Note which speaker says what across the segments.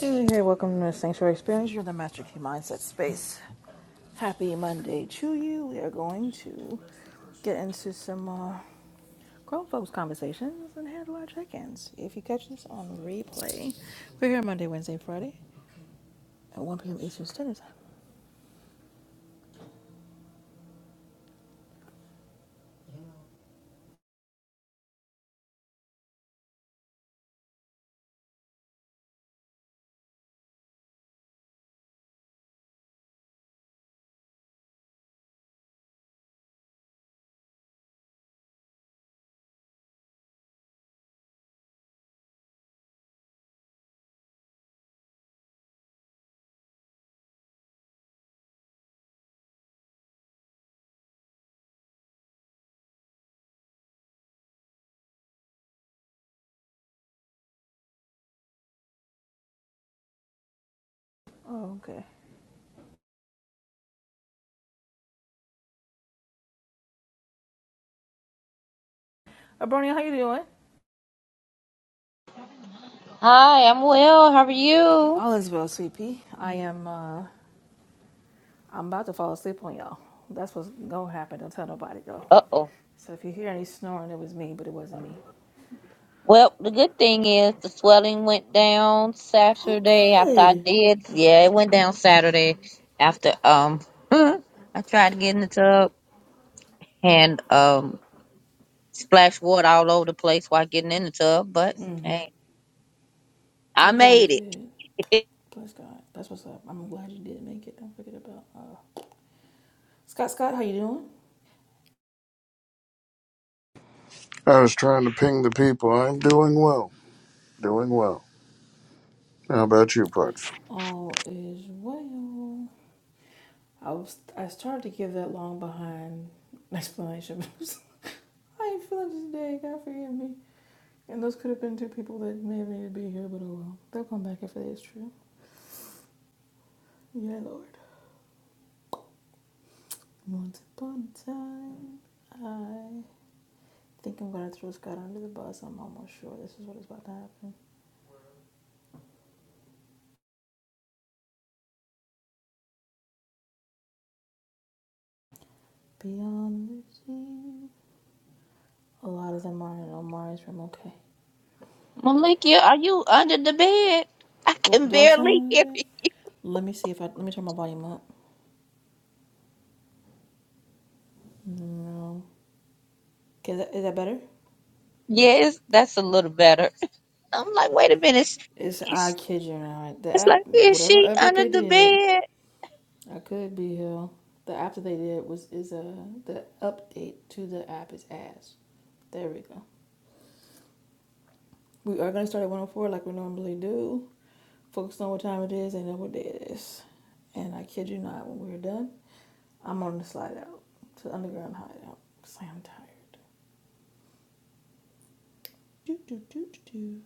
Speaker 1: Hey, hey, welcome to the Sanctuary Experience. You're in the Master Key Mindset Space. Happy Monday to you. We are going to get into some uh, grown folks conversations and handle our check-ins. If you catch this on replay, we're here Monday, Wednesday, Friday at 1 p.m. Eastern Standard Time. Oh, okay. Abronia, how you doing?
Speaker 2: Hi, I'm well. How are you?
Speaker 1: All is well, sweet pea. I am. Uh, I'm about to fall asleep on y'all. That's what's gonna happen. Don't tell nobody though.
Speaker 2: Uh-oh.
Speaker 1: So if you hear any snoring, it was me, but it wasn't me.
Speaker 2: Well, the good thing is the swelling went down
Speaker 1: Oh,
Speaker 2: Saturday after I
Speaker 1: good.
Speaker 2: did. Yeah, it went down Saturday after um I tried to get in the tub and um splashed water all over the place while getting in the tub, but hey, I
Speaker 1: I'm glad it
Speaker 2: made
Speaker 1: did.
Speaker 2: it.
Speaker 1: Bless God. That's what's up. I'm glad you did make it. Don't forget about uh, Scott. Scott, how you doing?
Speaker 3: I was trying to ping the people. I'm doing well. Doing well. How about you, Parts?
Speaker 1: All is well. I was I started to give that long behind explanation. I ain't feeling this day. God forgive me. And those could have been two people that may have needed to be here, but oh well. They'll come back if it is true. Yeah, Lord. Once upon a time, I think I'm gonna throw Scott under the bus. I'm almost sure this is what is about to happen. Beyond the sea, A lot of them are in Omari's room. Okay. Okay.
Speaker 2: Malikia, are you under the bed? I
Speaker 1: Do,
Speaker 2: can
Speaker 1: do I
Speaker 2: barely
Speaker 1: sound
Speaker 2: hear
Speaker 1: a bit?
Speaker 2: you.
Speaker 1: Let me see if I let me turn my volume up. No. Okay, that, is that better?
Speaker 2: Yes, that's a little better. I'm like, wait a minute.
Speaker 1: It's I
Speaker 2: It's,
Speaker 1: kid you not. The
Speaker 2: it's like,
Speaker 1: app,
Speaker 2: is
Speaker 1: whatever
Speaker 2: she
Speaker 1: update
Speaker 2: under
Speaker 1: they
Speaker 2: the
Speaker 1: did,
Speaker 2: bed?
Speaker 1: I could be here. The app that they did was is a the update to the app is ass. There we go. We are going to start at 104 like we normally do. Focus on what time it is and then what day it is. And I kid you not, when we're done, I'm on the slide out to the underground hideout because I am tired. Do, do, do, do, do.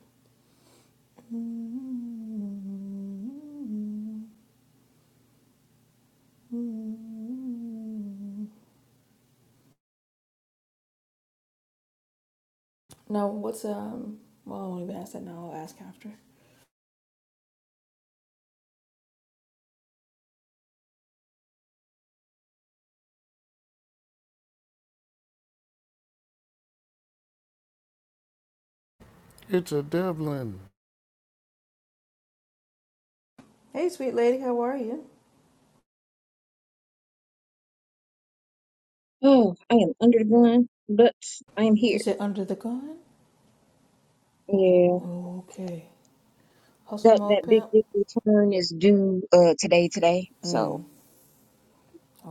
Speaker 1: Now, what's, um, well, I won't even ask that now. I'll ask after.
Speaker 3: It's a Devlin.
Speaker 1: Hey, sweet lady, how are you?
Speaker 4: Oh, I am under the gun, but I am
Speaker 1: You
Speaker 4: here.
Speaker 1: said under the gun?
Speaker 4: Yeah,
Speaker 1: Okay. Hustle
Speaker 4: that
Speaker 1: mode,
Speaker 4: that big
Speaker 1: pimp?
Speaker 4: big return is due uh today today. So
Speaker 1: Mm.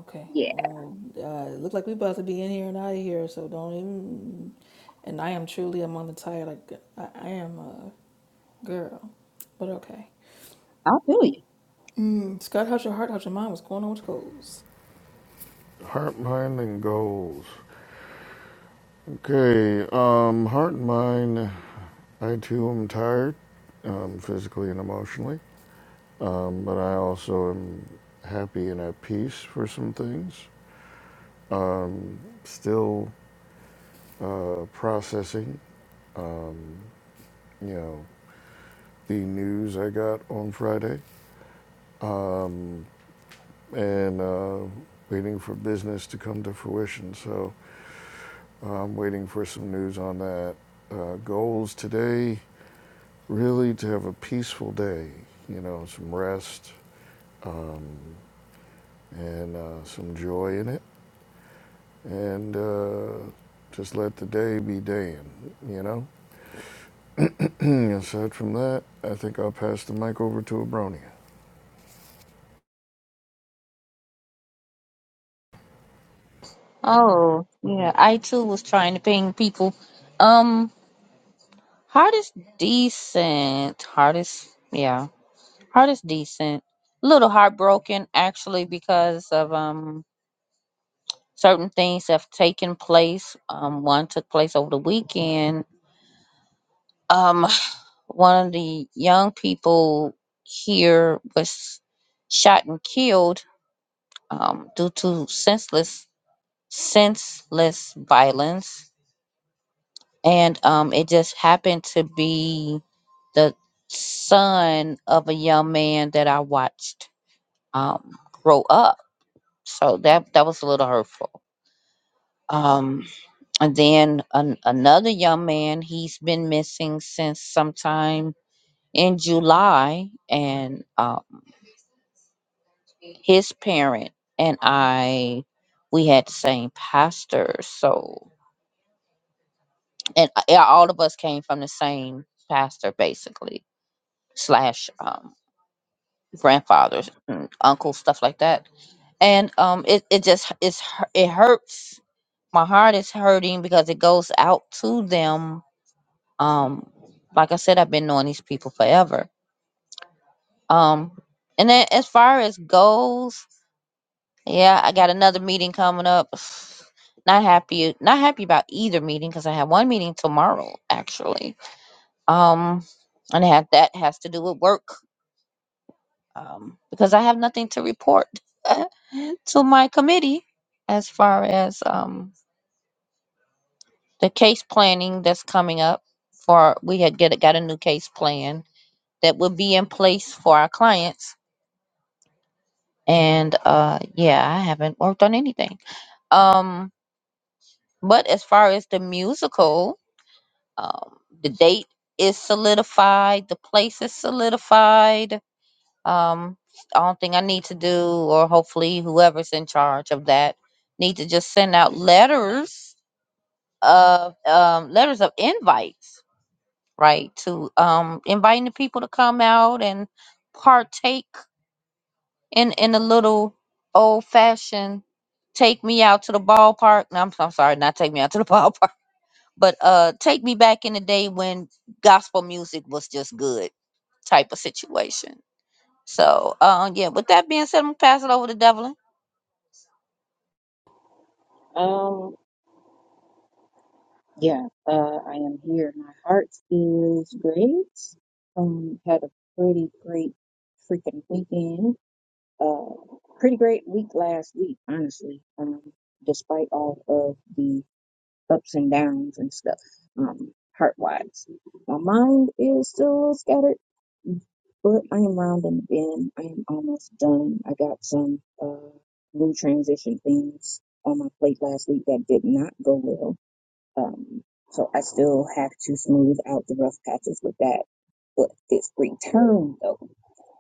Speaker 1: Okay.
Speaker 4: yeah,
Speaker 1: Well, uh, it look like we about to be in here and out of here, so don't even. And I am truly among the tired. Like I, I am a girl, but okay.
Speaker 4: I feel you.
Speaker 1: Mm, Scott, how's your heart? How's your mind? What's going on with your goals?
Speaker 3: Heart, mind, and goals. Okay. Um, heart and mind. I too am tired, um, physically and emotionally. Um, but I also am happy and at peace for some things. Um, still uh, processing. Um, you know the news I got on Friday. Um, and uh, waiting for business to come to fruition. So uh, I'm waiting for some news on that. Uh, goals today really to have a peaceful day, you know, some rest um, and uh, some joy in it, and uh, just let the day be daying, you know. Aside from that, I think I'll pass the mic over to Abronia.
Speaker 2: Oh, yeah. I too was trying to ping people. Um, heart is decent. Heart is yeah. Heart is decent. A little heartbroken actually because of um certain things have taken place. Um, one took place over the weekend. Um, one of the young people here was shot and killed um due to senseless senseless violence and um, it just happened to be the son of a young man that I watched um, grow up. So that that was a little hurtful. Um, and then an, another young man, he's been missing since sometime in July, and um, his parent and I, we had the same pastor. So and uh, yeah, all of us came from the same pastor, basically slash. um, grandfathers, and uncles, stuff like that. And um, it it just it's hu- it hurts. My heart is hurting because it goes out to them. Um, like I said, I've been knowing these people forever. Um, and then as far as goals, yeah, I got another meeting coming up. Not happy, not happy about either meeting because I have one meeting tomorrow actually. Um, and that that has to do with work um, because I have nothing to report to my committee as far as um, the case planning that's coming up. For we had get got a new case plan that will be in place for our clients, and uh, yeah, I haven't worked on anything. Um, but as far as the musical, um, the date is solidified, the place is solidified Um, I don't think I need to do, or hopefully whoever's in charge of that need to just send out letters of um, letters of invites, right? To um, inviting the people to come out and partake in in a little old fashioned take me out to the ballpark. No, I'm, I'm sorry, not take me out to the ballpark, but uh, take me back in the day when gospel music was just good type of situation so, uh, yeah, with that being said, I'm going to pass it over to Devlin.
Speaker 4: Um, yeah, uh, I am here. My heart is great. Um, had a pretty great freaking weekend. Uh, pretty great week last week, honestly. Um, despite all of the ups and downs and stuff. Um, heart wise, my mind is still scattered But I am rounding the bend. I am almost done. I got some uh, new transition things on my plate last week that did not go well. Um, so I still have to smooth out the rough patches with that. But this return, though,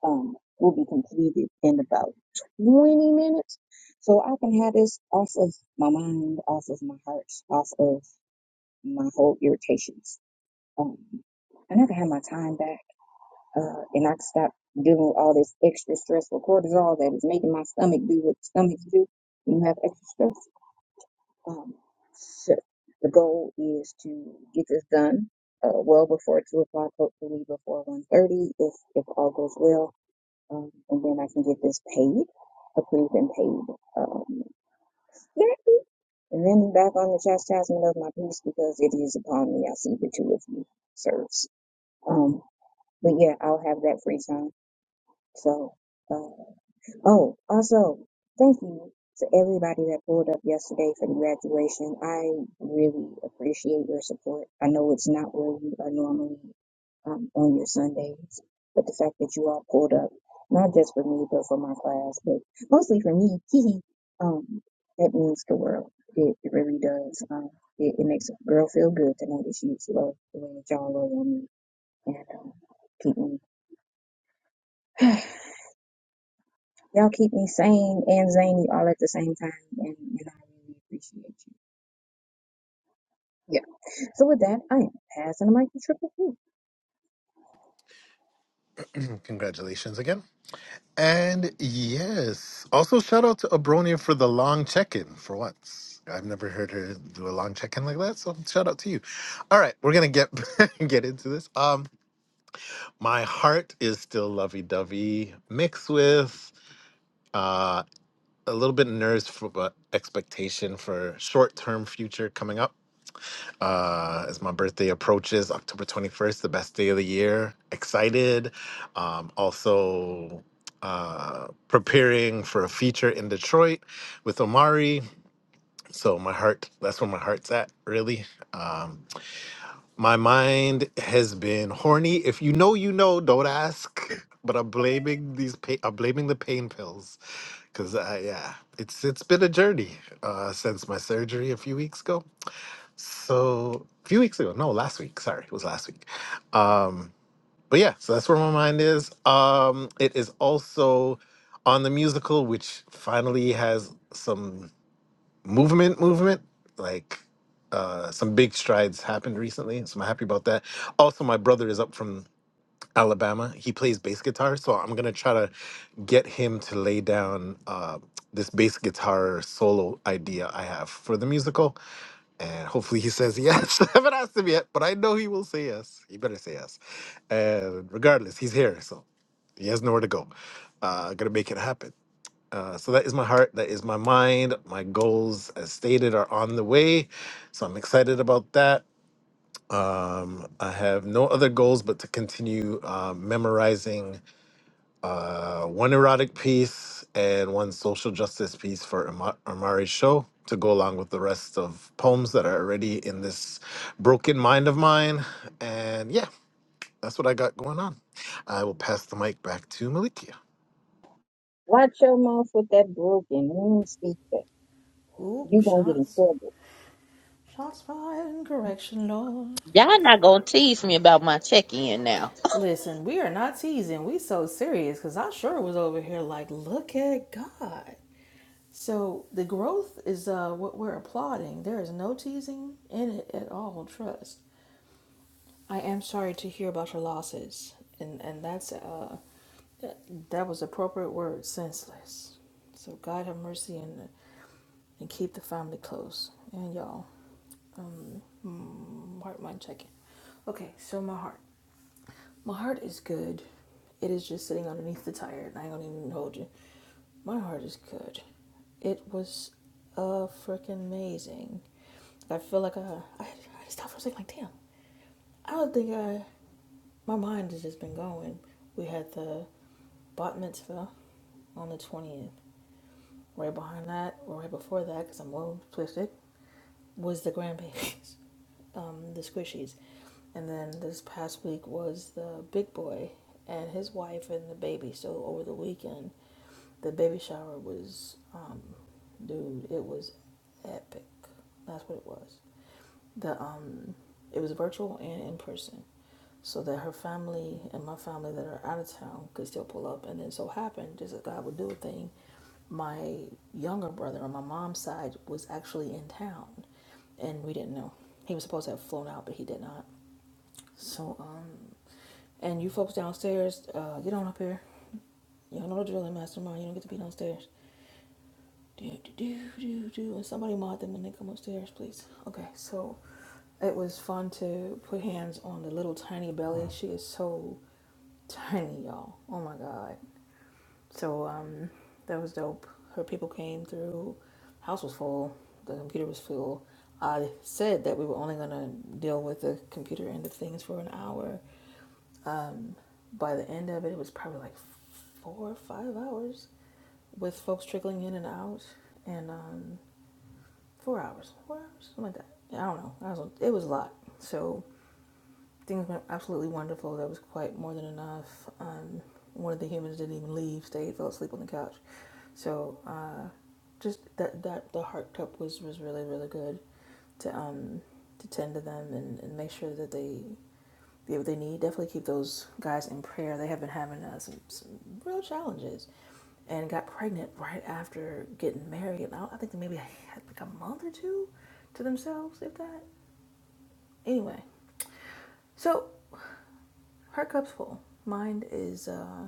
Speaker 4: um, will be completed in about 20 minutes. So I can have this off of my mind, off of my heart, off of my whole irritations. Um, and I can have my time back uh, and I stopped dealing with all this extra stressful cortisol that was making my stomach do what stomachs do when you have extra stress. Um, so the goal is to get this done uh, well before two o'clock, hopefully before one thirty, if if all goes well, um, and then I can get this paid, approved and paid. Um, yeah, and then back on the chastisement of my peace because it is upon me. I see the two of you serves. Um, but yeah, I'll have that free time. So. Uh, Oh, also, thank you to everybody that pulled up yesterday for the graduation. I really appreciate your support. I know it's not where you are normally um, on your Sundays, but the fact that you all pulled up, not just for me, but for my class, but mostly for me, hee hee, um, that means the world. It, it really does. Um, it, it makes a girl feel good to know that she's loved the way that y'all love on me and um, keep me. Y'all keep me sane and zany all at the same time, and, and I really appreciate you. Yeah. So with that, I am passing the mic to Triple Q.
Speaker 5: Congratulations again. And yes, also shout out to Abronia for the long check in for once. I've never heard her do a long check in like that, so shout out to you. All right, we're gonna get get into this. Um, my heart is still lovey dovey, mixed with uh, a little bit nerves for but expectation for short term future coming up. uh, as my birthday approaches, October 21st, the best day of the year. Excited. Um, also, uh, preparing for a feature in Detroit with Omari. So, my heart, that's where my heart's at, really. Um, my mind has been horny. If you know, you know, don't ask. But I'm blaming these, pa- I'm blaming the pain pills. Cause I, yeah, it's it's been a journey uh, since my surgery a few weeks ago so a few weeks ago no last week sorry it was last week um but yeah so that's where my mind is um it is also on the musical which finally has some movement movement like uh some big strides happened recently so i'm happy about that also my brother is up from Alabama. He plays bass guitar, so I'm gonna try to get him to lay down uh, this bass guitar solo idea I have for the musical, and hopefully he says yes. I haven't asked him yet, but I know he will say yes. He better say yes. And regardless, he's here, so he has nowhere to go. Uh, gonna make it happen. Uh, so that is my heart. That is my mind. My goals, as stated, are on the way. So I'm excited about that. Um, I have no other goals but to continue uh, memorizing uh, one erotic piece and one social justice piece for Ama- Amari's show to go along with the rest of poems that are already in this broken mind of mine. And yeah, that's what I got going on. I will pass the mic back to Malikia.
Speaker 4: Watch your mouth with that broken. You don't speak that.
Speaker 1: Oop,
Speaker 4: You gonna get in
Speaker 1: shots,
Speaker 4: trouble.
Speaker 1: shots fired in correction, Lord.
Speaker 2: Y'all not gonna tease me about my check-in now.
Speaker 1: Listen, we are not teasing. We so serious because I sure was over here like, look at God. So the growth is uh, what we're applauding. There is no teasing in it at all. Trust. I am sorry to hear about your losses, and and that's uh, that, that was appropriate word, senseless. So God have mercy and and keep the family close. And y'all, um, heart mind checking. Okay, so my heart. My heart is good. It is just sitting underneath the tire, and I don't even hold you. My heart is good. It was uh freaking amazing. I feel like I, I I stopped for a second, like damn. I don't think I. My mind has just been going. We had the bat mitzvah on the twentieth. Right behind that, or right before that, because I'm a little twisted, was the Grand Babies, um, the Squishies. And then this past week was the Big Boy and his wife and the baby. So over the weekend, the baby shower was, um, dude, it was epic. That's what it was. The um, it was virtual and in person, so that her family and my family that are out of town could still pull up. And then so happened, just as God would do a thing, my younger brother on my mom's side was actually in town, and we didn't know. He was supposed to have flown out, but he did not. So um, and you folks downstairs, uh, get on up here. Y'all know the drilling, mastermind. You don't get to be downstairs. Do, do, do, do, do. And somebody mod them when they come upstairs, please. Okay, so it was fun to put hands on the little tiny belly. She is so tiny, y'all. Oh my god. So um, that was dope. Her people came through. House was full. The computer was full. I said that we were only gonna deal with the computer end of things for an hour. Um, by the end of it, it was probably like four or five hours with folks trickling in and out, and um, four hours, four hours, something like that. I don't know. I was, it was a lot. So Things went absolutely wonderful. That was quite more than enough. Um, one of the humans didn't even leave, stayed, fell asleep on the couch. So uh, just that that the heart cup was was really really good to um to tend to them and, and make sure that they get what they need. Definitely keep those guys in prayer. They have been having uh, some some real challenges, and got pregnant right after getting married. And I, I think they maybe had like a month or two to themselves, if that. Anyway, so her cup's full. Mine is, uh,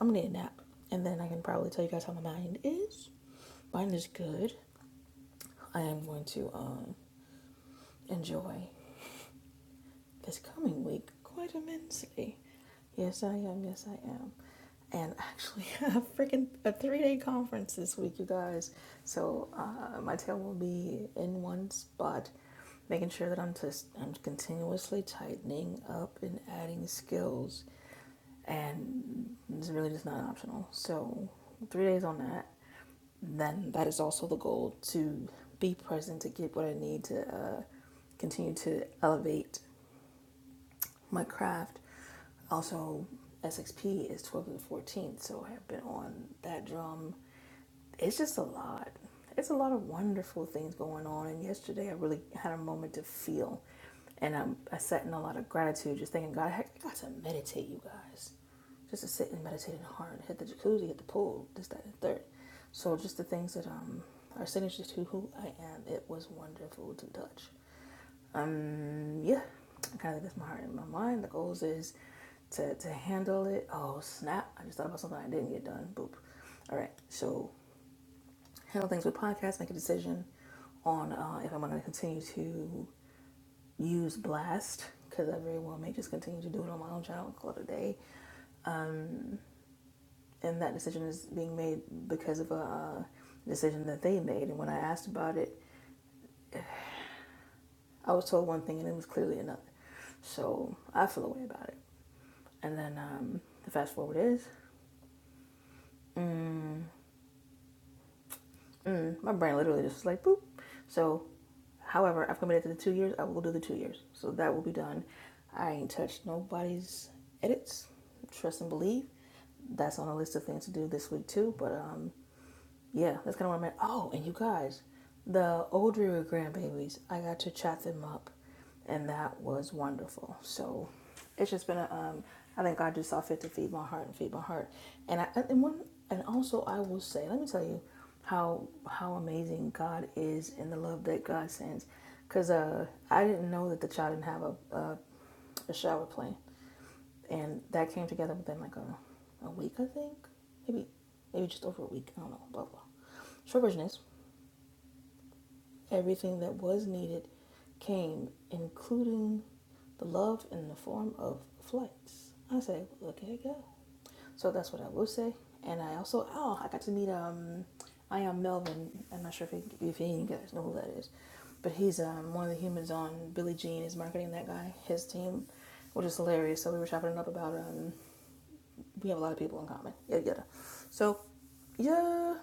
Speaker 1: I'm gonna need a nap. And then I can probably tell you guys how my mind is. Mine is good. I am going to, um, enjoy this coming week quite immensely. Yes, I am. Yes, I am. And actually, a freaking a three day conference this week, you guys. So uh, my tail will be in one spot, making sure that I'm just I'm continuously tightening up and adding skills, and it's really just not optional. So three days on that. Then that is also the goal to be present to get what I need to uh, continue to elevate my craft. Also, SXP is 12 to the 14th, so I've been on that drum. It's just a lot. It's a lot of wonderful things going on. And yesterday, I really had a moment to feel. And I, I sat in a lot of gratitude, just thinking, God, "Hey, I got to meditate, you guys. Just to sit and meditate in the heart, hit the jacuzzi, hit the pool, this, that, and third. So just the things that um, are signature to who I am, it was wonderful to touch. Um, yeah, I kind of think that's my heart and my mind. The goals is to, to handle it. Oh, snap. I just thought about something I didn't get done. Boop. All right. So, handle things with podcasts, make a decision on uh, if I'm going to continue to use Blast because I very well may just continue to do it on my own channel and call it a day. And that decision is being made because of a uh, decision that they made. And when I asked about it, I was told one thing and it was clearly another. So I feel away about it. And then um, the fast forward is mm, my brain literally just was like boop. So, however, I've committed to the two years. I will do the two years. So that will be done. I ain't touched nobody's edits. Trust and believe. That's on a list of things to do this week too. But um, yeah, that's kind of where I'm at. Oh, and you guys, the old Dreary grandbabies, I got to chat them up. and that was wonderful. So it's just been a, um, I think God just saw fit to feed my heart and feed my heart, and I and one and also I will say, let me tell you how how amazing God is and the love that God sends, because uh, I didn't know that the child didn't have a a, a shower plan, and that came together within like a a week I think, maybe maybe just over a week. I don't know. Blah blah. Short version is. Everything that was needed came, including the love in the form of flights. I say, look at it go. So that's what I will say. And I also, oh, I got to meet, um, I am Melvin. I'm not sure if, he, if any of you guys know who that is, but he's um, one of the humans on Billie Jean is marketing that guy, his team, which is hilarious. So we were chopping it up about um, we have a lot of people in common. Yada yada. So, yeah,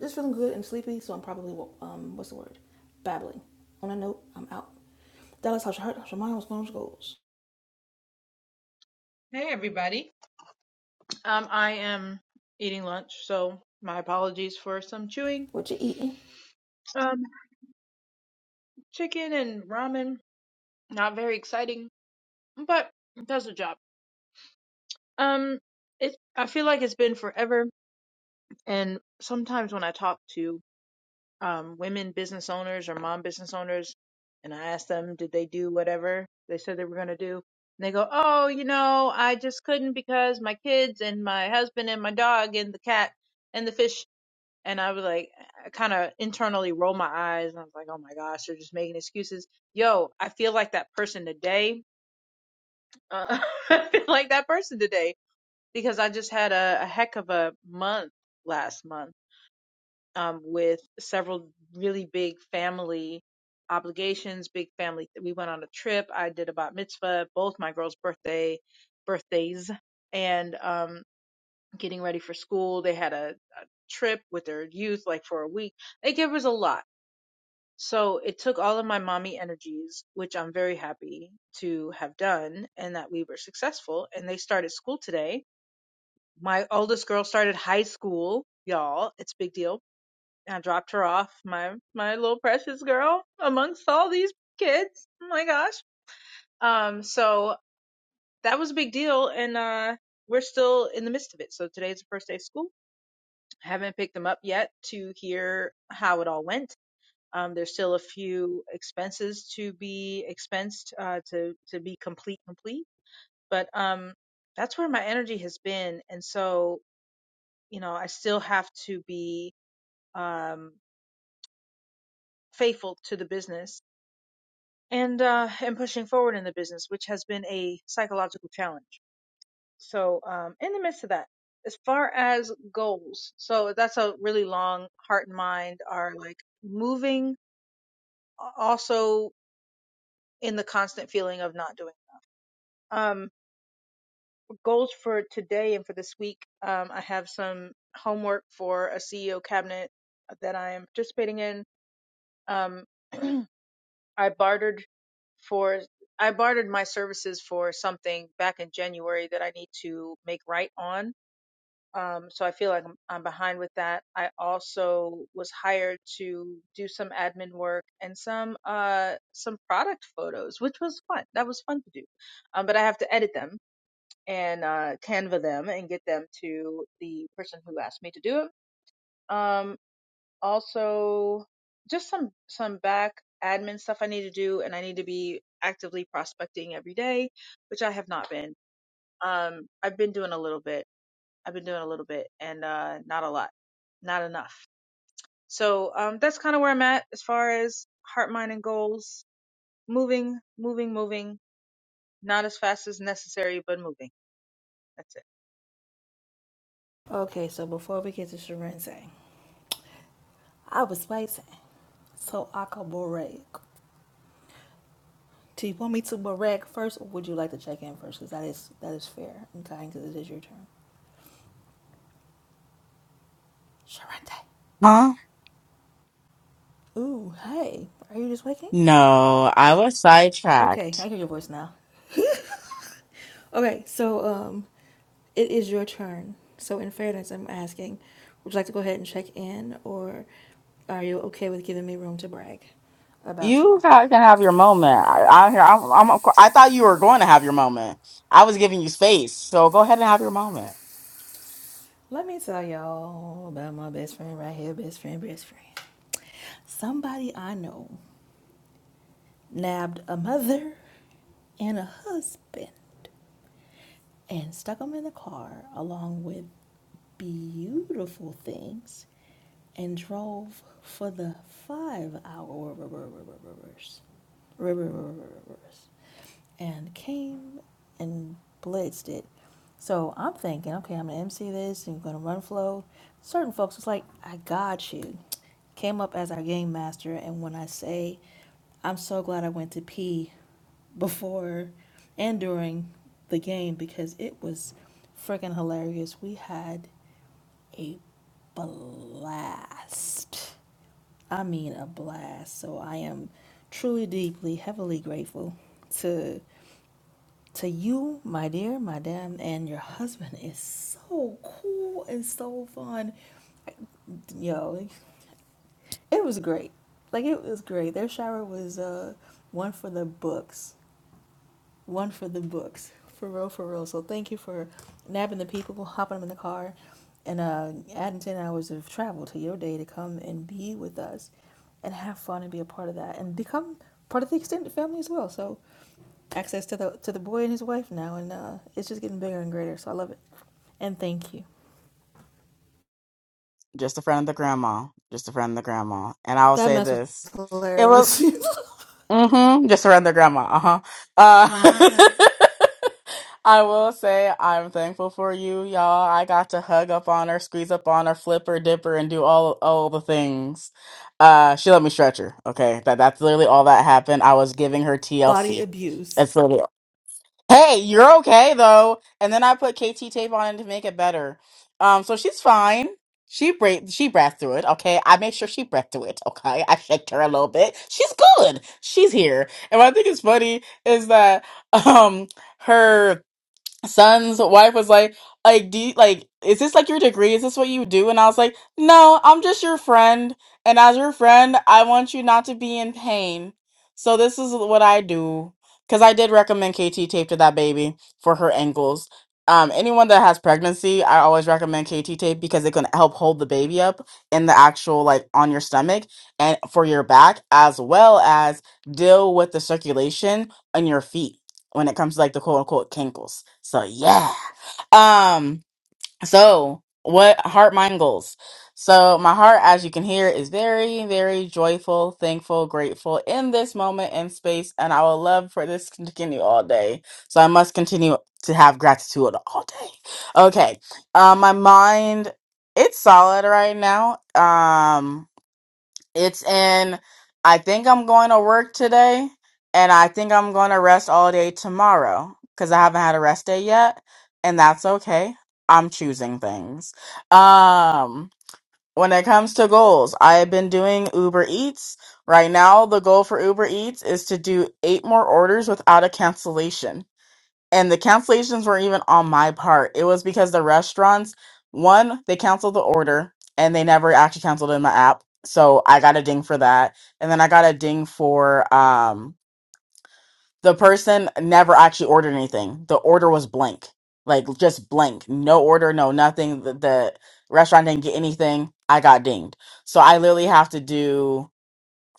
Speaker 1: just feeling good and sleepy. So I'm probably um, what's the word? Babbling. On that note, I'm out. Dallas, how's your heart? How's your mind? What's going on with your goals?
Speaker 6: Hey everybody. Um, I am eating lunch, so my apologies for some chewing.
Speaker 1: What you eating?
Speaker 6: Um, chicken and ramen, not very exciting, but it does the job. Um, it I feel like it's been forever, and sometimes when I talk to um women business owners or mom business owners, and I ask them, did they do whatever they said they were gonna do? And they go, oh, you know, I just couldn't because my kids and my husband and my dog and the cat and the fish And I was like, I kind of internally rolled my eyes and I was like, oh my gosh, they're just making excuses. Yo, I feel like that person today. Uh, I feel like that person today because I just had a, a heck of a month last month um, with several really big family obligations, big family. We went on a trip. I did a bat mitzvah, both my girls' birthday birthdays, and um, getting ready for school. They had a, a trip with their youth, like for a week. Like it was a lot So it took all of my mommy energies, which I'm very happy to have done and that we were successful. And they started school today. My oldest girl started high school, y'all. It's a big deal. And I dropped her off, my, my little precious girl amongst all these kids. Oh my gosh. Um, so that was a big deal. And, uh, we're still in the midst of it. So today's the first day of school. I haven't picked them up yet to hear how it all went Um, there's still a few expenses to be expensed uh, to to be complete complete, but um, that's where my energy has been, and so you know I still have to be um, faithful to the business and uh, and pushing forward in the business, which has been a psychological challenge. So um, in the midst of that, as far as goals, so that's a really long heart and mind are like moving, also in the constant feeling of not doing. Um, goals for today and for this week. Um, I have some homework for a CEO cabinet that I am participating in. Um, I bartered for I bartered my services for something back in January that I need to make right on. Um, so I feel like I'm, I'm behind with that. I also was hired to do some admin work and some uh some product photos, which was fun. That was fun to do, um, but I have to edit them and uh, Canva them and get them to the person who asked me to do it. Um, also, just some some back admin stuff I need to do, and I need to be actively prospecting every day, which I have not been. Um, I've been doing a little bit. I've been doing a little bit, and uh, not a lot, not enough. So um, that's kind of where I'm at as far as heart, mind, and goals. Moving, moving, moving. Not as fast as necessary, but moving. That's it.
Speaker 1: Okay, so before we get to Sharense, I was waiting so I could berate. Do you want me to berate first, or would you like to check in first? Because that is that is fair and kind. Because it is your turn. Sharente.
Speaker 7: Huh?
Speaker 1: Ooh, hey, are you just waking?
Speaker 7: No, I was
Speaker 1: Okay, I
Speaker 7: sidetracked.
Speaker 1: hear your voice now. Okay, so um, it is your turn. So in fairness, I'm asking, would you like to go ahead and check in, or are you okay with giving me room to brag about you?
Speaker 7: You ha- can have your moment. I, I, I'm, I'm, I thought you were going to have your moment. I was giving you space, so go ahead and have your moment.
Speaker 1: Let me tell y'all about my best friend right here, best friend, best friend. Somebody I know nabbed a mother and a husband. and stuck them in the car along with beautiful things and drove for the five hour rivers and came and blitzed it. So I'm thinking, okay, I'm gonna MC this and gonna run flow. Certain folks was like, I got you. Came up as our game master, and when I say, I'm so glad I went to pee before and during the game because it was freaking hilarious. We had a blast. I mean, a blast. So I am truly, deeply, heavily grateful to. To you, my dear madam, and your husband is so cool and so fun. Yo, it was great. Like it was great. Their shower was uh one for the books, one for the books, for real, for real. So thank you for nabbing the people, hopping them in the car, and uh adding ten hours of travel to your day to come and be with us, and have fun and be a part of that, and become part of the extended family as well. So access to the to the boy and his wife now, and uh, it's just getting bigger and greater. So I love it, and thank you.
Speaker 7: Just a friend of the grandma. Just a friend of the grandma. And I will
Speaker 1: That
Speaker 7: say
Speaker 1: mess was
Speaker 7: this: it was.
Speaker 1: hilarious.
Speaker 7: Mm-hmm. Just around their grandma. Uh-huh. Uh I will say I'm thankful for you, y'all. I got to hug up on her, squeeze up on her, flip her, dip her, and do all all the things. Uh she let me stretch her. Okay. That that's literally all that happened. I was giving her
Speaker 1: Body
Speaker 7: TLC.
Speaker 1: abuse.
Speaker 7: That's literally hey, you're okay though. And then I put KT tape on it to make it better. Um, so she's fine. She breathed, she breathed through it. Okay, I made sure she breathed through it. Okay, I shaked her a little bit. She's good. She's here. And what I think is funny is that um her son's wife was like, like, do you, like, is this like your degree? Is this what you do? And I was like, no, I'm just your friend. And as your friend, I want you not to be in pain. So this is what I do. Cause I did recommend KT tape to that baby for her ankles. Um, anyone that has pregnancy, I always recommend KT tape because it can help hold the baby up in the actual like on your stomach and for your back, as well as deal with the circulation on your feet when it comes to like the quote unquote kinkles. So yeah. Um, so what heart mind goals? So my heart, as you can hear, is very, very joyful, thankful, grateful in this moment in space, and I would love for this to continue all day. So I must continue to have gratitude all day. Okay. Um, my mind, it's solid right now. Um it's in, I think I'm going to work today, and I think I'm going to rest all day tomorrow because I haven't had a rest day yet, and that's okay. I'm choosing things. Um, when it comes to goals, I have been doing Uber Eats. Right now, the goal for Uber Eats is to do eight more orders without a cancellation and the cancellations were even on my part. It was because the restaurants, one, they canceled the order and they never actually canceled in my app. So I got a ding for that. And then I got a ding for um the person never actually ordered anything. The order was blank. Like just blank. No order, no nothing. The, the restaurant didn't get anything. I got dinged. So I literally have to do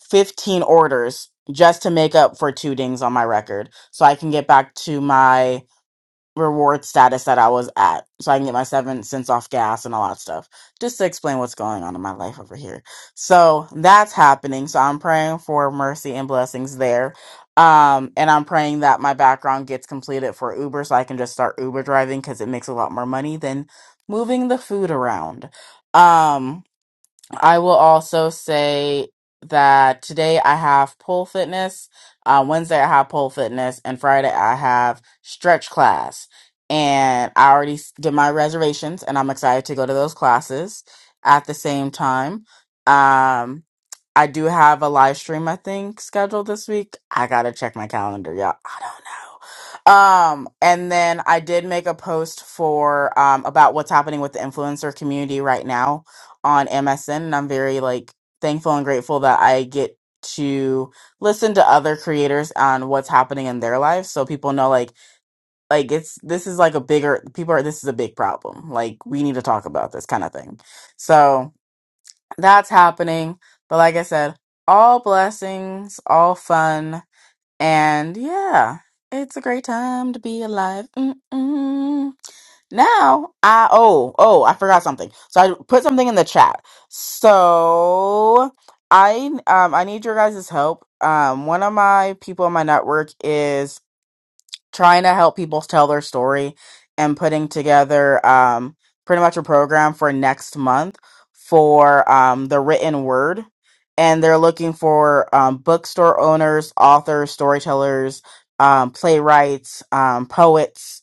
Speaker 7: 15 orders just to make up for two dings on my record so I can get back to my reward status that I was at, so I can get my seven cents off gas and all that stuff. Just to explain what's going on in my life over here. So that's happening. So I'm praying for mercy and blessings there. Um, and I'm praying that my background gets completed for Uber so I can just start Uber driving because it makes a lot more money than moving the food around. Um, I will also say that today I have pole fitness. Uh, Wednesday I have pole fitness, and Friday I have stretch class. And I already s- did my reservations, and I'm excited to go to those classes. At the same time, um, I do have a live stream I think scheduled this week. I gotta check my calendar, y'all. I don't know. Um, and then I did make a post for um about what's happening with the influencer community right now on MSN and I'm very like thankful and grateful that I get to listen to other creators on what's happening in their lives so people know like like it's this is like a bigger people are this is a big problem like we need to talk about this kind of thing so that's happening but like i said all blessings all fun and yeah, it's a great time to be alive. Mm-mm. Now, I oh, oh, I forgot something. So I put something in the chat. So I um I need your guys' help. Um one of my people in my network is trying to help people tell their story and putting together um, pretty much a program for next month for um, the written word. And they're looking for um, bookstore owners, authors, storytellers, um, playwrights, um, poets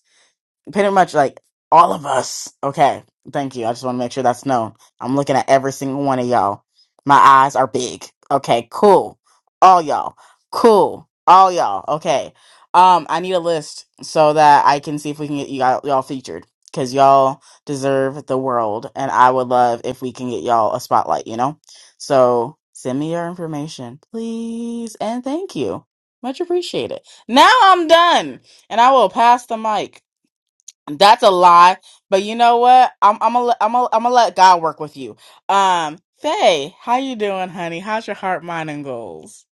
Speaker 7: pretty much like all of us. Okay, thank you. I just want to make sure that's known. I'm looking at every single one of y'all. My eyes are big. Okay, cool. All y'all. Cool. All y'all. Okay. Um, I need a list so that I can see if we can get you all y'all featured because y'all deserve the world, and I would love if we can get y'all a spotlight. You know, so send me your information, please, and thank you. Much appreciated. Now I'm done, and I will pass the mic. That's a lie. But you know what? I'm I'm gonna I'm gonna I'm gonna let God work with you. Um, Faye, how you doing, honey? How's your heart, mind, and goals?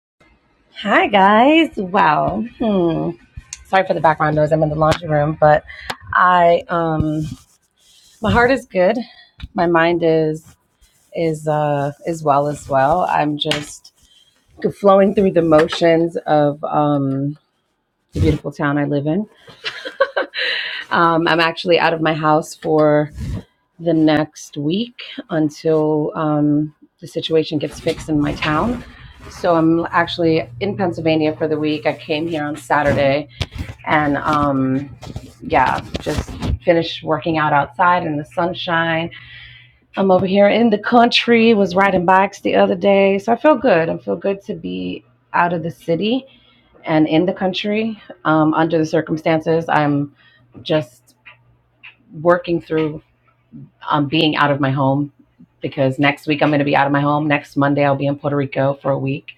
Speaker 8: Hi guys. Wow. Hmm. Sorry for the background noise. I'm in the laundry room, but I um my heart is good. My mind is is uh is well as well. I'm just flowing through the motions of um the beautiful town I live in. Um I'm actually out of my house for the next week until um the situation gets fixed in my town. So I'm actually in Pennsylvania for the week. I came here on Saturday and um, yeah, just finished working out outside in the sunshine. I'm over here in the country. Was riding bikes the other day, so I feel good. I feel good to be out of the city and in the country um, under the circumstances. I'm just working through um, being out of my home because next week I'm going to be out of my home. Next Monday I'll be in Puerto Rico for a week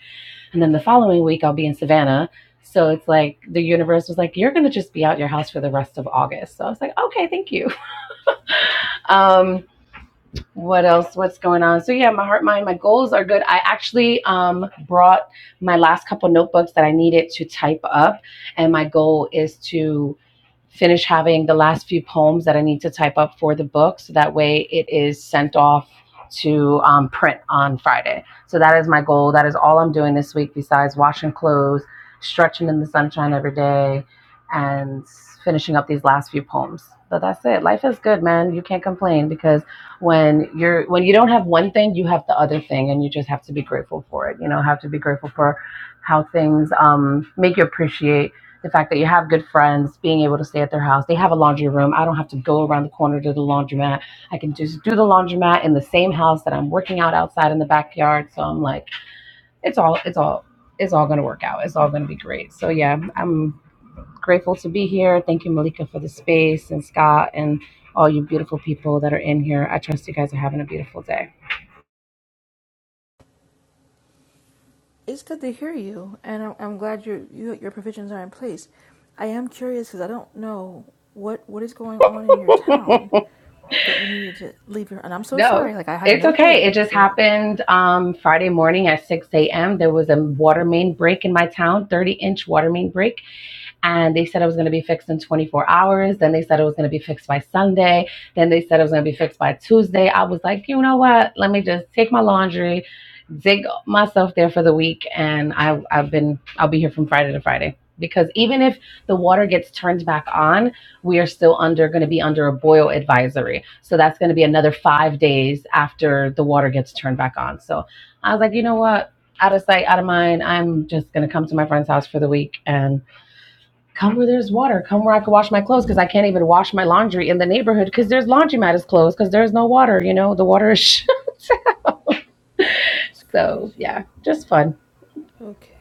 Speaker 8: and then the following week, I'll be in Savannah. So it's like the universe was like, you're going to just be out your house for the rest of August. So I was like, okay, thank you. Um, what else what's going on so yeah my heart mind my goals are good i actually um brought my last couple notebooks that i needed to type up and my goal is to finish having the last few poems that i need to type up for the book so that way it is sent off to um, print on friday so that is my goal that is all i'm doing this week besides washing clothes stretching in the sunshine every day and finishing up these last few poems but that's it life is good man you can't complain because when you're when you don't have one thing you have the other thing and you just have to be grateful for it you know have to be grateful for how things um, make you appreciate the fact that you have good friends being able to stay at their house they have a laundry room i don't have to go around the corner to the laundromat i can just do the laundromat in the same house that i'm working out outside in the backyard so i'm like it's all it's all it's all going to work out it's all going to be great so yeah i'm Grateful to be here. Thank you, Malika, for the space and Scott and all you beautiful people that are in here. I trust you guys are having a beautiful day.
Speaker 1: It's good to hear you, and I'm, I'm glad your you, your provisions are in place. I am curious because I don't know what what is going on in your town that you needed to leave your. And I'm so
Speaker 8: No,
Speaker 1: sorry. Like I have
Speaker 8: it's
Speaker 1: no
Speaker 8: okay. It
Speaker 1: clue.
Speaker 8: just
Speaker 1: So
Speaker 8: happened um, Friday morning at 6 a.m. There was a water main break in my town, 30 inch water main break. and they said it was going to be fixed in 24 hours. Then they said it was going to be fixed by Sunday. Then they said it was going to be fixed by Tuesday. I was like, you know what? Let me just take my laundry, dig myself there for the week, and I, I've been I'll be here from Friday to Friday because even if the water gets turned back
Speaker 1: Okay,
Speaker 8: on, we are still under going to be under a boil advisory. So that's going to be another five days after the water gets turned back on. So I was like, you know what? Out of sight, out of mind. I'm just going to come to my friend's house for the week and Come where there's water. Come where I can wash my clothes because I can't even wash my laundry in the neighborhood because there's laundromat is closed because there's no water. You know the water is.
Speaker 1: that's
Speaker 8: so
Speaker 1: crazy.
Speaker 8: yeah, just fun.
Speaker 1: Okay.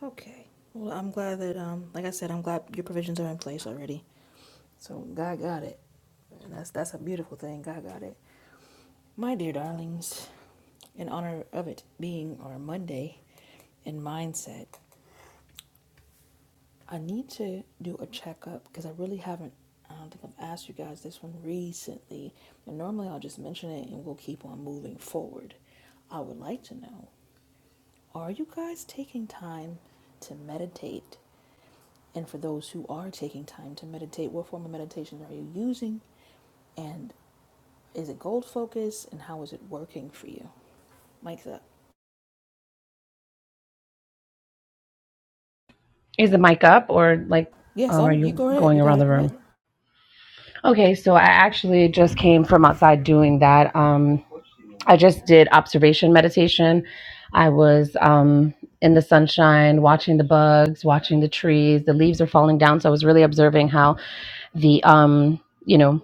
Speaker 1: Okay. Well, I'm glad that, um, like I said, I'm glad your provisions are in place already. So God got it, and that's that's a beautiful thing. God got it, my dear darlings. In honor of it being our Monday, in mindset, I need to do a checkup because I really haven't. I don't think I've asked you guys this one recently, and normally I'll just mention it and we'll keep on moving forward. I would like to know: Are you guys taking time to meditate And for those who are taking time to meditate, what form of meditation are you using? And is it gold focused? And how is it working for you? Mike's up.
Speaker 8: Is the mic up or like,
Speaker 1: Yes,
Speaker 8: um, are
Speaker 1: on you
Speaker 8: you
Speaker 1: go ahead.
Speaker 8: going
Speaker 1: You got
Speaker 8: around
Speaker 1: it.
Speaker 8: the
Speaker 1: Go ahead.
Speaker 8: room? Okay, so I actually just came from outside doing that. Um, I just did observation meditation. I was um, in the sunshine, watching the bugs, watching the trees. The leaves are falling down, so I was really observing how the um, you know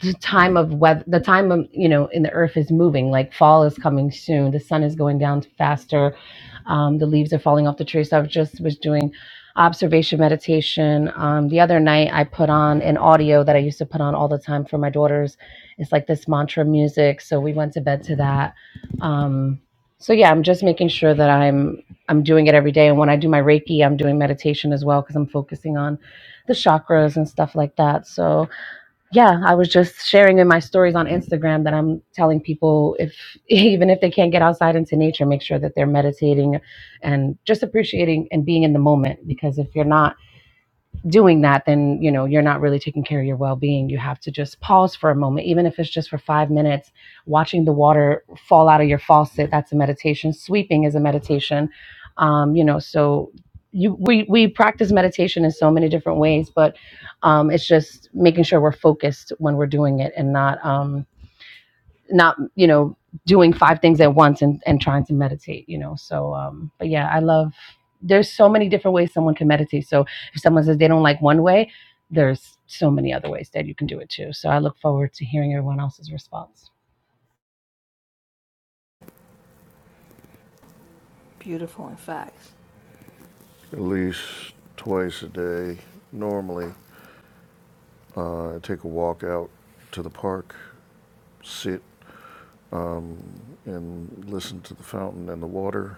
Speaker 8: the time of weather the time of you know in the earth is moving like fall is coming soon the sun is going down faster um, the leaves are falling off the trees so i just was doing observation meditation um, the other night i put on an audio that i used to put on all the time for my daughters it's like this mantra music so we went to bed to that um, so yeah i'm just making sure that i'm i'm doing it every day and when i do my reiki i'm doing meditation as well because i'm focusing on the chakras and stuff like that so yeah, I was just sharing in my stories on Instagram that I'm telling people if even if they can't get outside into nature, make sure that they're meditating and just appreciating and being in the moment because if you're not doing that then you know you're not really taking care of your well-being you have to just pause for a moment even if it's just for five minutes watching the water fall out of your faucet that's a meditation sweeping is a meditation um, you know so you we we practice meditation in so many different ways but um, it's just making sure we're focused when we're doing it and not um, not you know doing five things at once and and trying to meditate you know so um but yeah i love there's so many different ways someone can meditate so if someone says they don't like one way there's so many other ways that you can do it too so i look forward to hearing everyone else's response
Speaker 1: Beautiful, in fact.
Speaker 3: At least twice a day, normally, uh, I take a walk out to the park sit um, and listen to the fountain and the water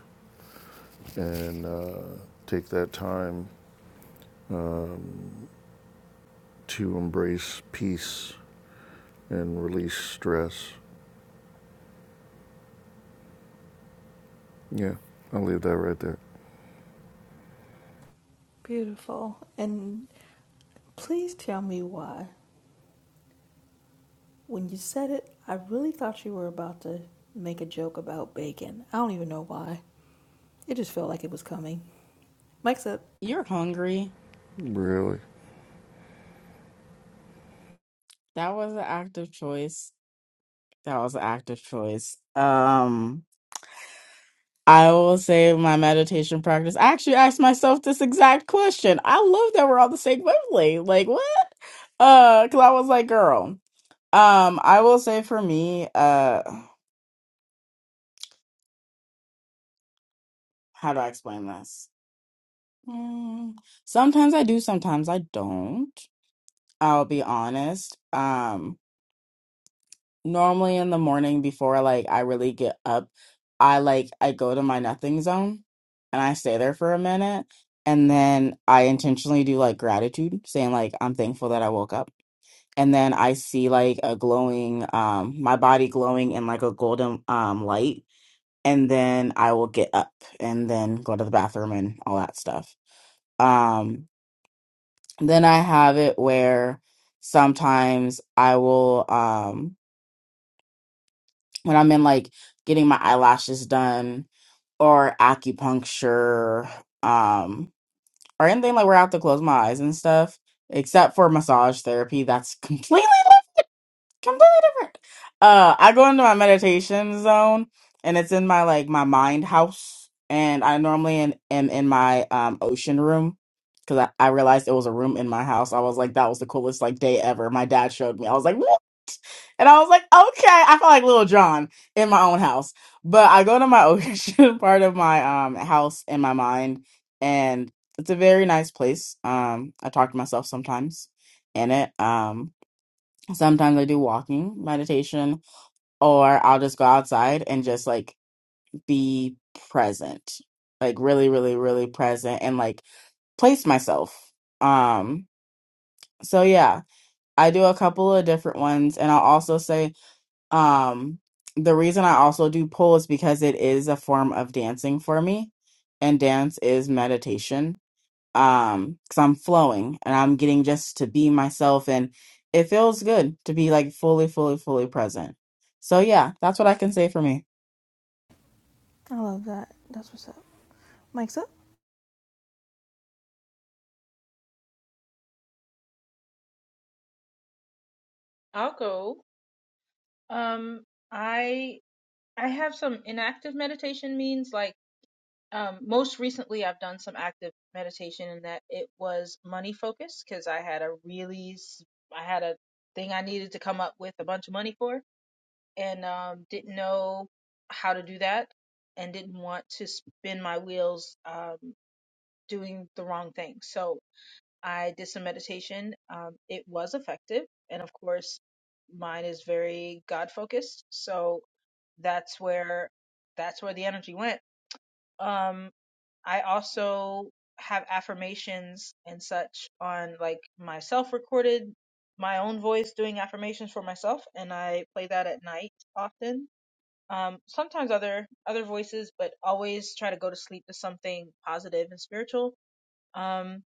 Speaker 3: and uh, take that time um, to embrace peace and release stress. Yeah, I'll leave that right there.
Speaker 1: Beautiful. And please tell me why. When you said it, I really thought you were about to make a joke about bacon. I don't even know why. It just felt like it was coming. Mike's up.
Speaker 7: You're hungry.
Speaker 3: Really?
Speaker 7: That was an active choice. That was an active choice. Um, I will say my meditation practice. I actually asked myself this exact question. I love that we're on the same wavelength. Like what? Uh, cause I was like, girl. Um, I will say for me, uh, how do I explain this? Mm, sometimes I do, sometimes I don't. I'll be honest. Um, normally in the morning before like I really get up, I like I go to my nothing zone and I stay there for a minute and then I intentionally do like gratitude, saying like I'm thankful that I woke up. And then I see like a glowing um my body glowing in like a golden um light and then I will get up and then go to the bathroom and all that stuff. Um, then I have it where sometimes I will um when I'm in like getting my eyelashes done or acupuncture um or anything like where I have to close my eyes and stuff, except for massage therapy, that's completely completely different. Uh, I go into my meditation zone, and it's in my like my mind house, and I normally in, am in my um ocean room because I, I realized it was a room in my house. I was like, that was the coolest like day ever. My dad showed me. I was like, what? And I was like, okay. I feel like little John in my own house, but I go to my ocean part of my um house in my mind, and it's a very nice place. Um, I talk to myself sometimes in it. Um, Sometimes I do walking, meditation, or I'll just go outside and just like be present. Like really, really, really present and like place myself. Um so yeah, I do a couple of different ones and I'll also say um the reason I also do pull is because it is a form of dancing for me and dance is meditation um because i'm flowing and i'm getting just to be myself and it feels good to be like fully fully fully present so yeah that's what i can say for me
Speaker 1: I love that. That's what's up. Mike's up.
Speaker 6: I'll go. Um, I I have some inactive meditation means like um most recently I've done some active meditation and that it was money focused because I had a really s- I had a thing I needed to come up with a bunch of money for and um didn't know how to do that and didn't want to spin my wheels um doing the wrong thing. So I did some meditation. Um, it was effective and of course mine is very God focused. So that's where that's where the energy went um i also have affirmations and such on like myself recorded my own voice doing affirmations for myself and i play that at night often um sometimes other other voices but always try to go to sleep to something positive and spiritual um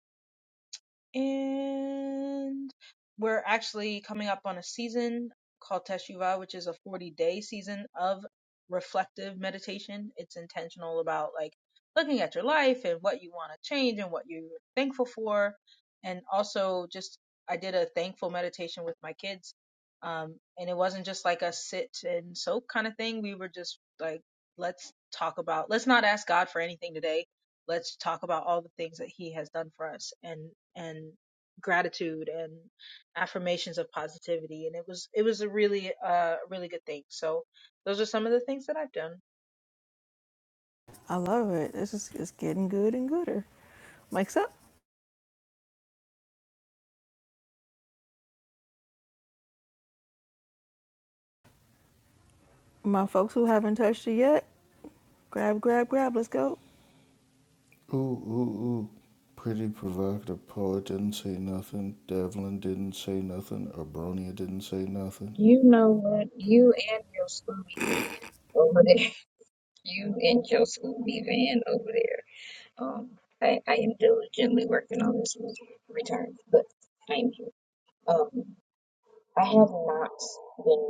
Speaker 6: and we're actually coming up on a season called Teshuvah, which is a 40 day season of reflective meditation. It's intentional about like looking at your life and what you want to change and what you're thankful for. And also, just I did a thankful meditation with my kids. Um, and it wasn't just like a sit and soak kind of thing. We were just like, let's talk about, let's not ask God for anything today Let's talk about all the things that he has done for us and and gratitude and affirmations of positivity and it was it was a really uh really good thing. So those are some of the things that I've done.
Speaker 1: I love it. It's just it's getting good and gooder. Mike's up. My folks who haven't touched it yet, grab, grab, grab. Let's go.
Speaker 3: Ooh, ooh, ooh. Pretty provocative poet didn't say nothing. Devlin didn't say nothing. Abronia didn't say nothing.
Speaker 4: You know what? You and your Scooby Van over there. You and your Scooby Van. Okay, but thank you. Um, I have many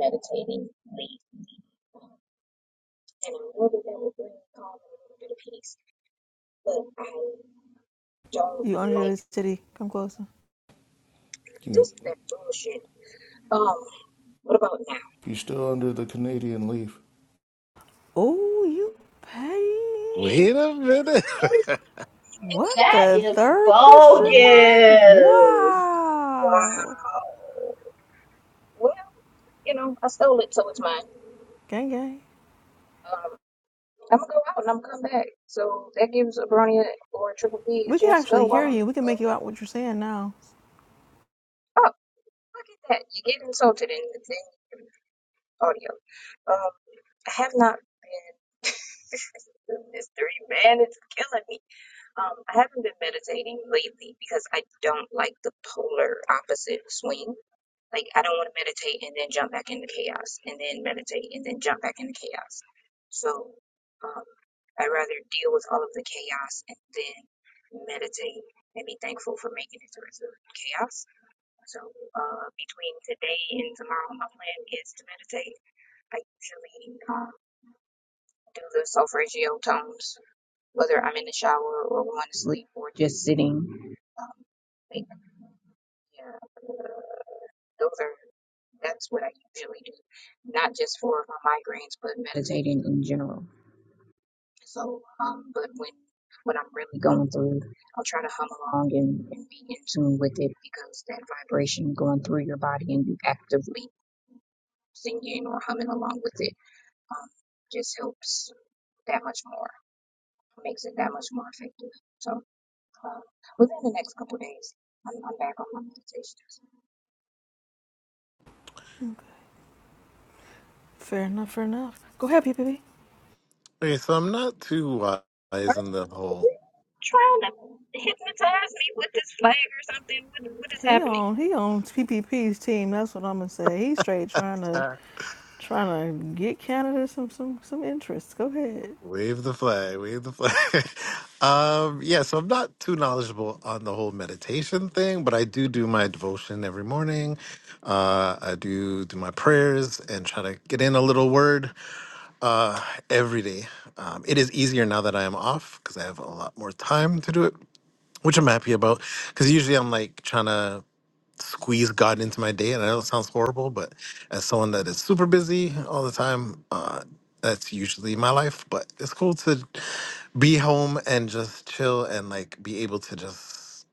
Speaker 4: leads, and I will bring calm and a little bit of peace. But I don't
Speaker 1: You under
Speaker 4: like
Speaker 1: the city. Come closer.
Speaker 3: You,
Speaker 4: this that bullshit. Um, what about now?
Speaker 3: you still under the Canadian leaf.
Speaker 1: Oh, you petty.
Speaker 5: Wait a minute.
Speaker 4: You
Speaker 1: What
Speaker 2: That
Speaker 1: the
Speaker 2: is
Speaker 1: third question
Speaker 2: bogus.
Speaker 1: mark? Wow.
Speaker 4: Wow. Well, you know, I stole it, so it's mine.
Speaker 1: Gang, gang.
Speaker 4: Um, I'm gonna go out and I'm gonna come back. So that gives a brony or a triple P
Speaker 1: We
Speaker 4: a
Speaker 1: can
Speaker 4: chance to go
Speaker 1: actually
Speaker 4: while
Speaker 1: hear
Speaker 4: I'm.
Speaker 1: you. We can make
Speaker 4: Uh,
Speaker 1: you out what you're saying now.
Speaker 4: oh, look at that! You get insulted in the thing audio. Um, I have not been. Mystery man it's killing me. Um, I haven't been meditating lately because I don't like the polar opposite swing. Like I don't want to meditate and then jump back into chaos, and then meditate and then jump back into chaos. So um, I'd rather deal with all of the chaos and then meditate and be thankful for making it through the chaos. So uh, between today and tomorrow, my plan is to meditate. I usually um, do the solfeggio tones, whether I'm in the shower or going to sleep or just sitting. Um, like, yeah, those are. That's what I usually do, not just for my migraines, but meditating in general. So, um, but when when I'm really going through, I'll try to hum along and, and be in tune with it because that vibration going through your body and you actively singing or humming along with it um, just helps that much more, makes it that much more effective. So, um, within the next couple of days, I'm, I'm back on my meditations.
Speaker 1: Fair enough, fair enough. Go ahead, P P P.
Speaker 5: Wait, so I'm not too wise in the whole.
Speaker 4: Trying to.
Speaker 1: He on he on P P P's team. That's what I'm gonna say. He's straight trying to Trying to get Canada some some some interest. Go ahead.
Speaker 5: Wave the flag, wave the flag. um, yeah, so I'm not too knowledgeable on the whole meditation thing, but I do do my devotion every morning. Uh, I do do my prayers and try to get in a little word uh, every day. Um, it is easier now that I am off because I have a lot more time to do it, which I'm happy about. Because usually I'm like trying to squeeze God into my day. And I know it sounds horrible, but as someone that is super busy all the time, uh, that's usually my life. But it's cool to be home and just chill and like be able to just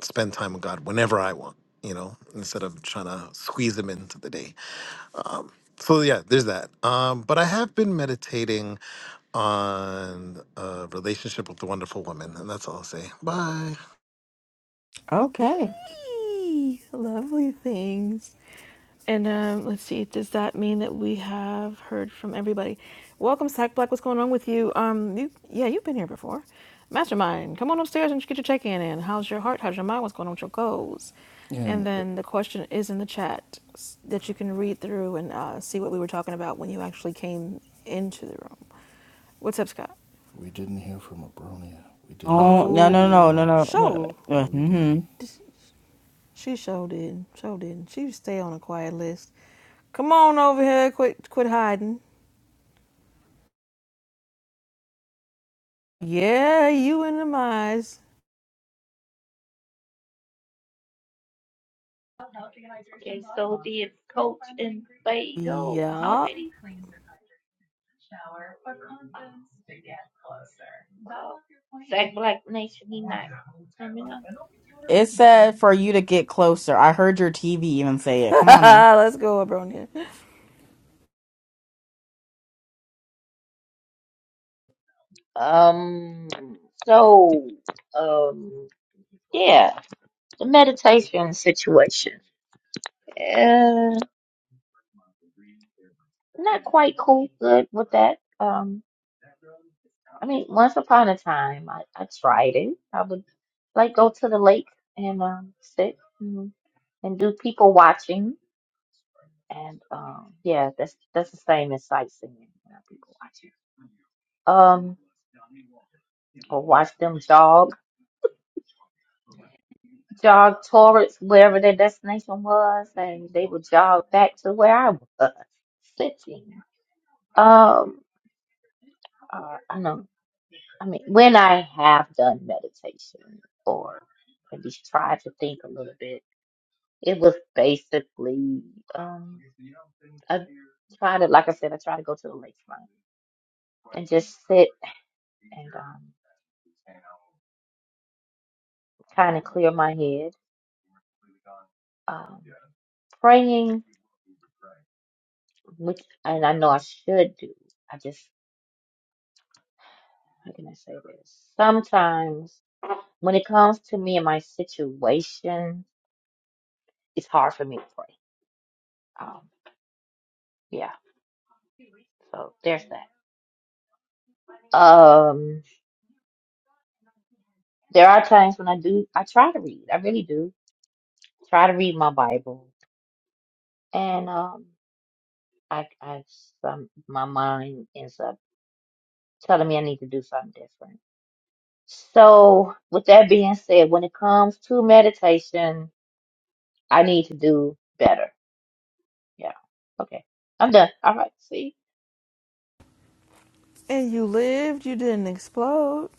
Speaker 5: spend time with God whenever I want, you know, instead of trying to squeeze him into the day. Um, so yeah, there's that. Um, but I have been meditating on a relationship with the wonderful woman, and that's all I'll say. Bye.
Speaker 7: Okay.
Speaker 1: Eee, lovely things. And um, let's see. Does that mean that we have heard from everybody? Welcome, Sack Black. What's going on with you? Um, you yeah, you've been here before. Mastermind, come on upstairs and get your check-in in. How's your heart? How's your mind? What's going on with your goals? And
Speaker 3: And
Speaker 1: then the question is in the chat s- that you can read through and uh, see what we were talking about when you actually came into the room. What's up, Scott?
Speaker 3: We didn't hear from Abronia. We didn't hear
Speaker 7: oh
Speaker 3: from
Speaker 7: no no
Speaker 3: Abronia at
Speaker 1: Oh,
Speaker 7: no no
Speaker 3: all.
Speaker 7: no, no.
Speaker 1: sure.
Speaker 3: You
Speaker 7: no.
Speaker 3: know, we
Speaker 7: hmm
Speaker 3: didn't.
Speaker 1: This- She sure didn't. Sure didn't. She stay on a quiet list. Come on over here. Quit quit hiding. Yeah, you and the mice.
Speaker 2: Okay, so did Coach and Bay go
Speaker 1: Yeah.
Speaker 2: already? No. Zach Black Nation, he not coming up.
Speaker 7: it said for you to get closer i heard your tv even say it come on now
Speaker 1: Let's go, Abronia.
Speaker 2: Um. So, um. Yeah, the meditation situation. Uh, Not quite cool, good with that. Um. I mean, once upon a time, I, I tried it. I would like go to the lake and um, sit and, and do people watching, and um, yeah, that's that's the same as sightseeing. You know, people watching. Um, or watch them jog, jog towards wherever their destination was, and they would jog back to where I was sitting. Um, uh, I know. I mean, when I have done meditation or at least tried to think a little bit It was basically, um, I try to, like I said, I try to go to the lakefront and just sit and um, kind of clear my head. Um, praying, which I do. I just, how can I say this? When it's my situation, it's, um, yeah, so there's that. Um, there are times when I do, I try to read. I really do try to read my Bible. And um, I, I, some, my mind ends up telling me I need to do something different. So, with that being said, when it comes to meditation, I need to do better. Yeah, okay. I'm done. All right, see?
Speaker 1: And you lived, you didn't explode,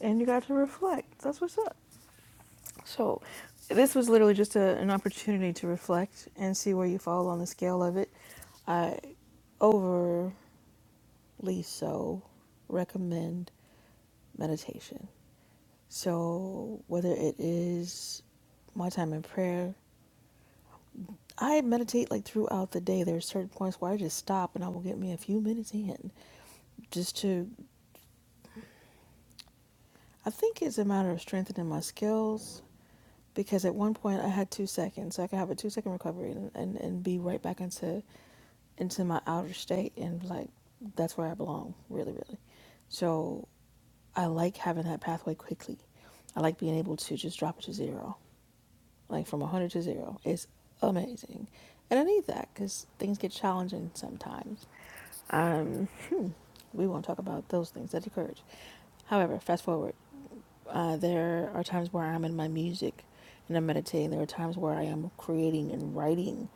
Speaker 1: and you got to reflect. That's what's up. So, this was literally just a, an opportunity to reflect and see where you fall on the scale of it. I overly so recommend meditation. So, whether it is my time in prayer, I meditate like throughout the day. There are certain points where I just stop and I will get me a few minutes in just to, I think it's a matter of strengthening my skills because at one point I had two seconds. So I could have a two second recovery and, and, and be right back into into my outer state and like that's where I belong, really, really. So I like having that pathway quickly. I like being able to just drop it to zero. like from 100 to 0 it's amazing and i need that because things get challenging sometimes we won't talk about those things that occurred. However, fast forward. Uh, there are times where I'm in my music and I'm meditating. There are times where I am creating and writing,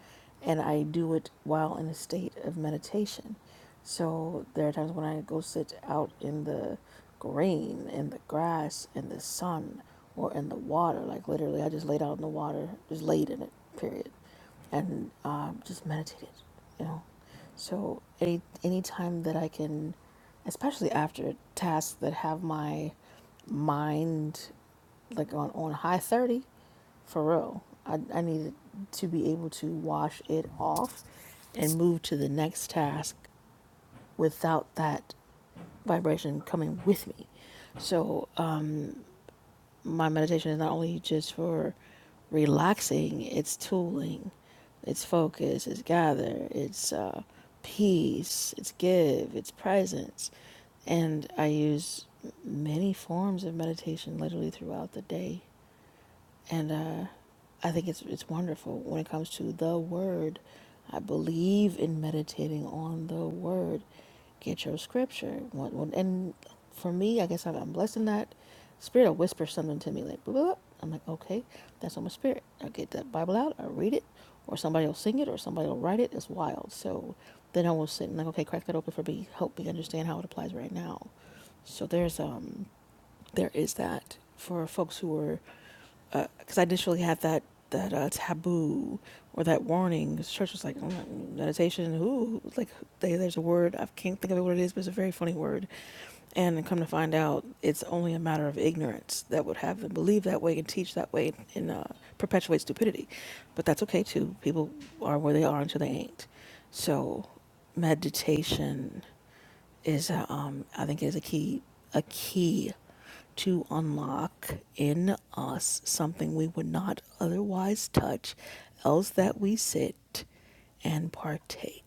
Speaker 1: and I do it while in a state of meditation. So there are times when I go sit out in the green, in the grass, in the sun, or in the water. Like literally, I just laid out in the water, just laid in it, period, and um, just meditated, you know. So any any time that I can, especially after tasks that have my mind like on on high thirty, for real, I I need to be able to wash it off, and move to the next task without that vibration coming with me. So my meditation is not only just for relaxing, it's tooling, it's focus, it's gather, it's uh, peace, it's give, it's presence. And I use many forms of meditation literally throughout the day and uh, I think it's it's wonderful when it comes to the word. I believe in meditating on the word. Get your scripture. One- one- And for me, I guess I'm, I'm blessed in that. Spirit will whisper something to me like, blah, blah, blah. I'm like, okay, that's on my spirit. I get that Bible out, I read it, or somebody will sing it, or somebody will write it. It's wild. So then I will sit and like, okay, crack that open for me. Help me understand how it applies right now. So there's um there is that for folks who are because uh, I didn't really have that that uh, taboo or that warning. Church was like oh, meditation. Who like they, there's a word I can't think of what it is, but it's a very funny word. And come to find out, it's only a matter of ignorance that would have them believe that way and teach that way and uh, perpetuate stupidity. But that's okay too. People are where they are until they ain't. So meditation is um I think is a key a key to unlock in us something we would not otherwise touch, else that we sit and partake.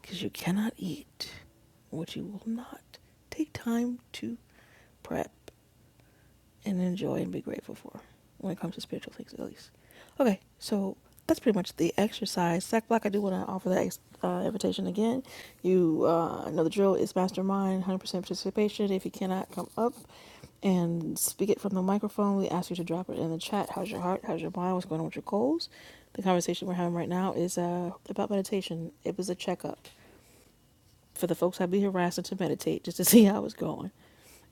Speaker 1: Because you cannot eat what you will not take time to prep and enjoy and be grateful for when it comes to spiritual things, at least. Okay, so that's pretty much the exercise. Sack Black, I do want to offer that ex- uh, invitation again. You uh, know the drill is mastermind, 100% participation. If you cannot come up and speak it from the microphone, we ask you to drop it in the chat. How's your heart? How's your mind? What's going on with your goals? The conversation we're having right now is uh, about meditation. It was a checkup for the folks I'd be harassing to meditate just to see how it's going.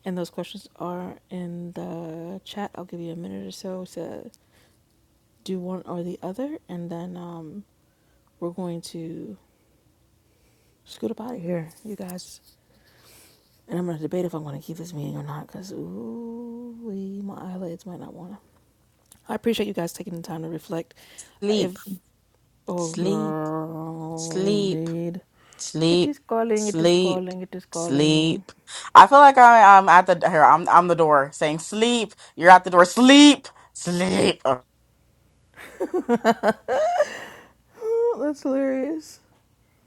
Speaker 1: And those questions are in the chat. I'll give you a minute or so to do one or the other, and then um, we're going to scoot up out of here, you guys. And I'm going to debate if I'm going to keep this meeting or not because, ooh, my eyelids might not want to. I appreciate you guys taking the time to reflect.
Speaker 7: Sleep,
Speaker 1: If, oh,
Speaker 7: sleep,
Speaker 1: girl,
Speaker 7: sleep,
Speaker 1: indeed. It
Speaker 7: sleep,
Speaker 1: is calling, it is
Speaker 7: sleep,
Speaker 1: calling, it is calling.
Speaker 7: sleep. i feel like I, i'm at the here i'm i'm the door saying sleep you're at the door sleep sleep
Speaker 1: Oh, that's hilarious.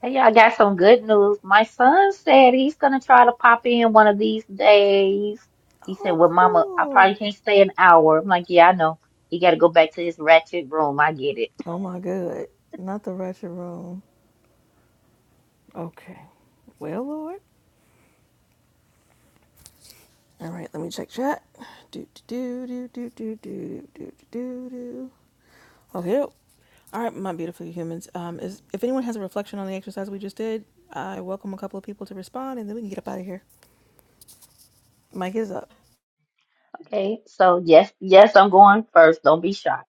Speaker 2: Hey, y'all I got some good news. My son said he's gonna try to pop in one of these days. He said,
Speaker 1: Oh,
Speaker 2: Well, mama, I
Speaker 1: cool.
Speaker 2: probably can't stay an hour. I'm like, Yeah, I know. He gotta go back to his ratchet room. I get it.
Speaker 1: Oh, my good. Not the ratchet room. Okay. Well, Lord. All right, let me check chat. Do, do, do, do, do, do, do, do, do, do, do. Okay. All right, my beautiful humans. Um, is, if anyone has a reflection on the exercise we just did, I welcome a couple of people to respond and then we can get up out of here. Mike is up.
Speaker 2: Okay, so yes, yes, I'm going first. Don't be shocked.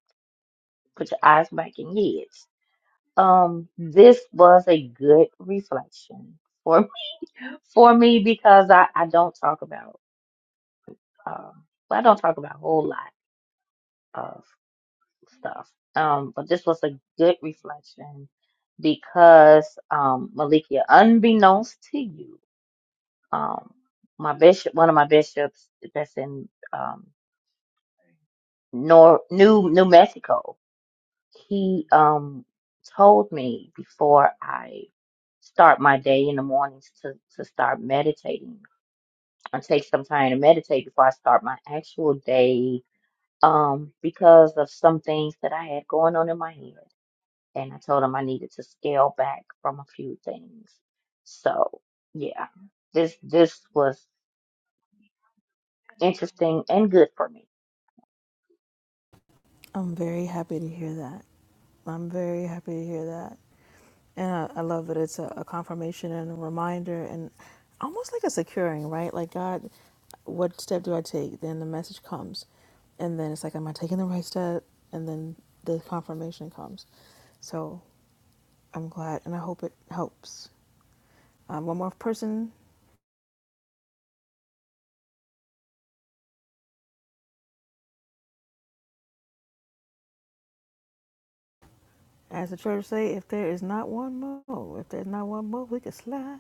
Speaker 2: Put your eyes back in your head. Um, this was a good reflection for for me because I I don't talk about um well, I don't talk about a whole lot of stuff. Um, but this was a good reflection because um Malikia, unbeknownst to you, um my bishop one of my bishops that's in um Nor New New Mexico he um told me before I start my day in the mornings to to start meditating. I take some time to meditate before I start my actual day um because of some things that I had going on in my head and I told him I needed to scale back from a few things. So, yeah. This this was interesting and good for me.
Speaker 1: I'm very happy to hear that. I'm very happy to hear that. And I, I love that it's a, a confirmation and a reminder and almost like a securing, right? Like, God, what step do I take? Then the message comes. And then it's like, am I taking the right step? And then the confirmation comes. So I'm glad and I hope it helps. Um, one more person, as the church say, if there is not one more, if there's not one more, we can slide.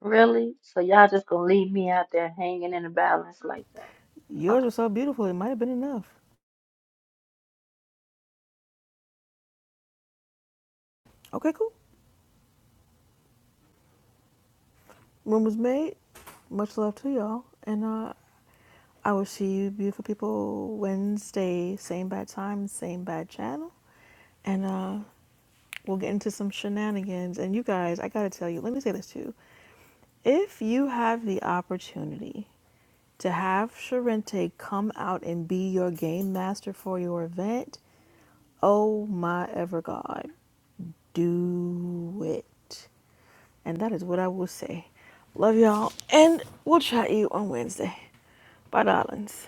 Speaker 2: Really? So y'all just gonna leave me out there hanging in the balance like that?
Speaker 1: Yours was so beautiful, it might have been enough. Okay, cool. Room was made. Much love to y'all. And uh, I will see you, beautiful people, Wednesday, same bad time, same bad channel. And uh, we'll get into some shenanigans. And you guys, I gotta tell you, let me say this too. If you have the opportunity to have Sharente come out and be your game master for your event, oh my ever God, do it. And that is what I will say. Love y'all, and we'll chat you on Wednesday. Bye, darlings.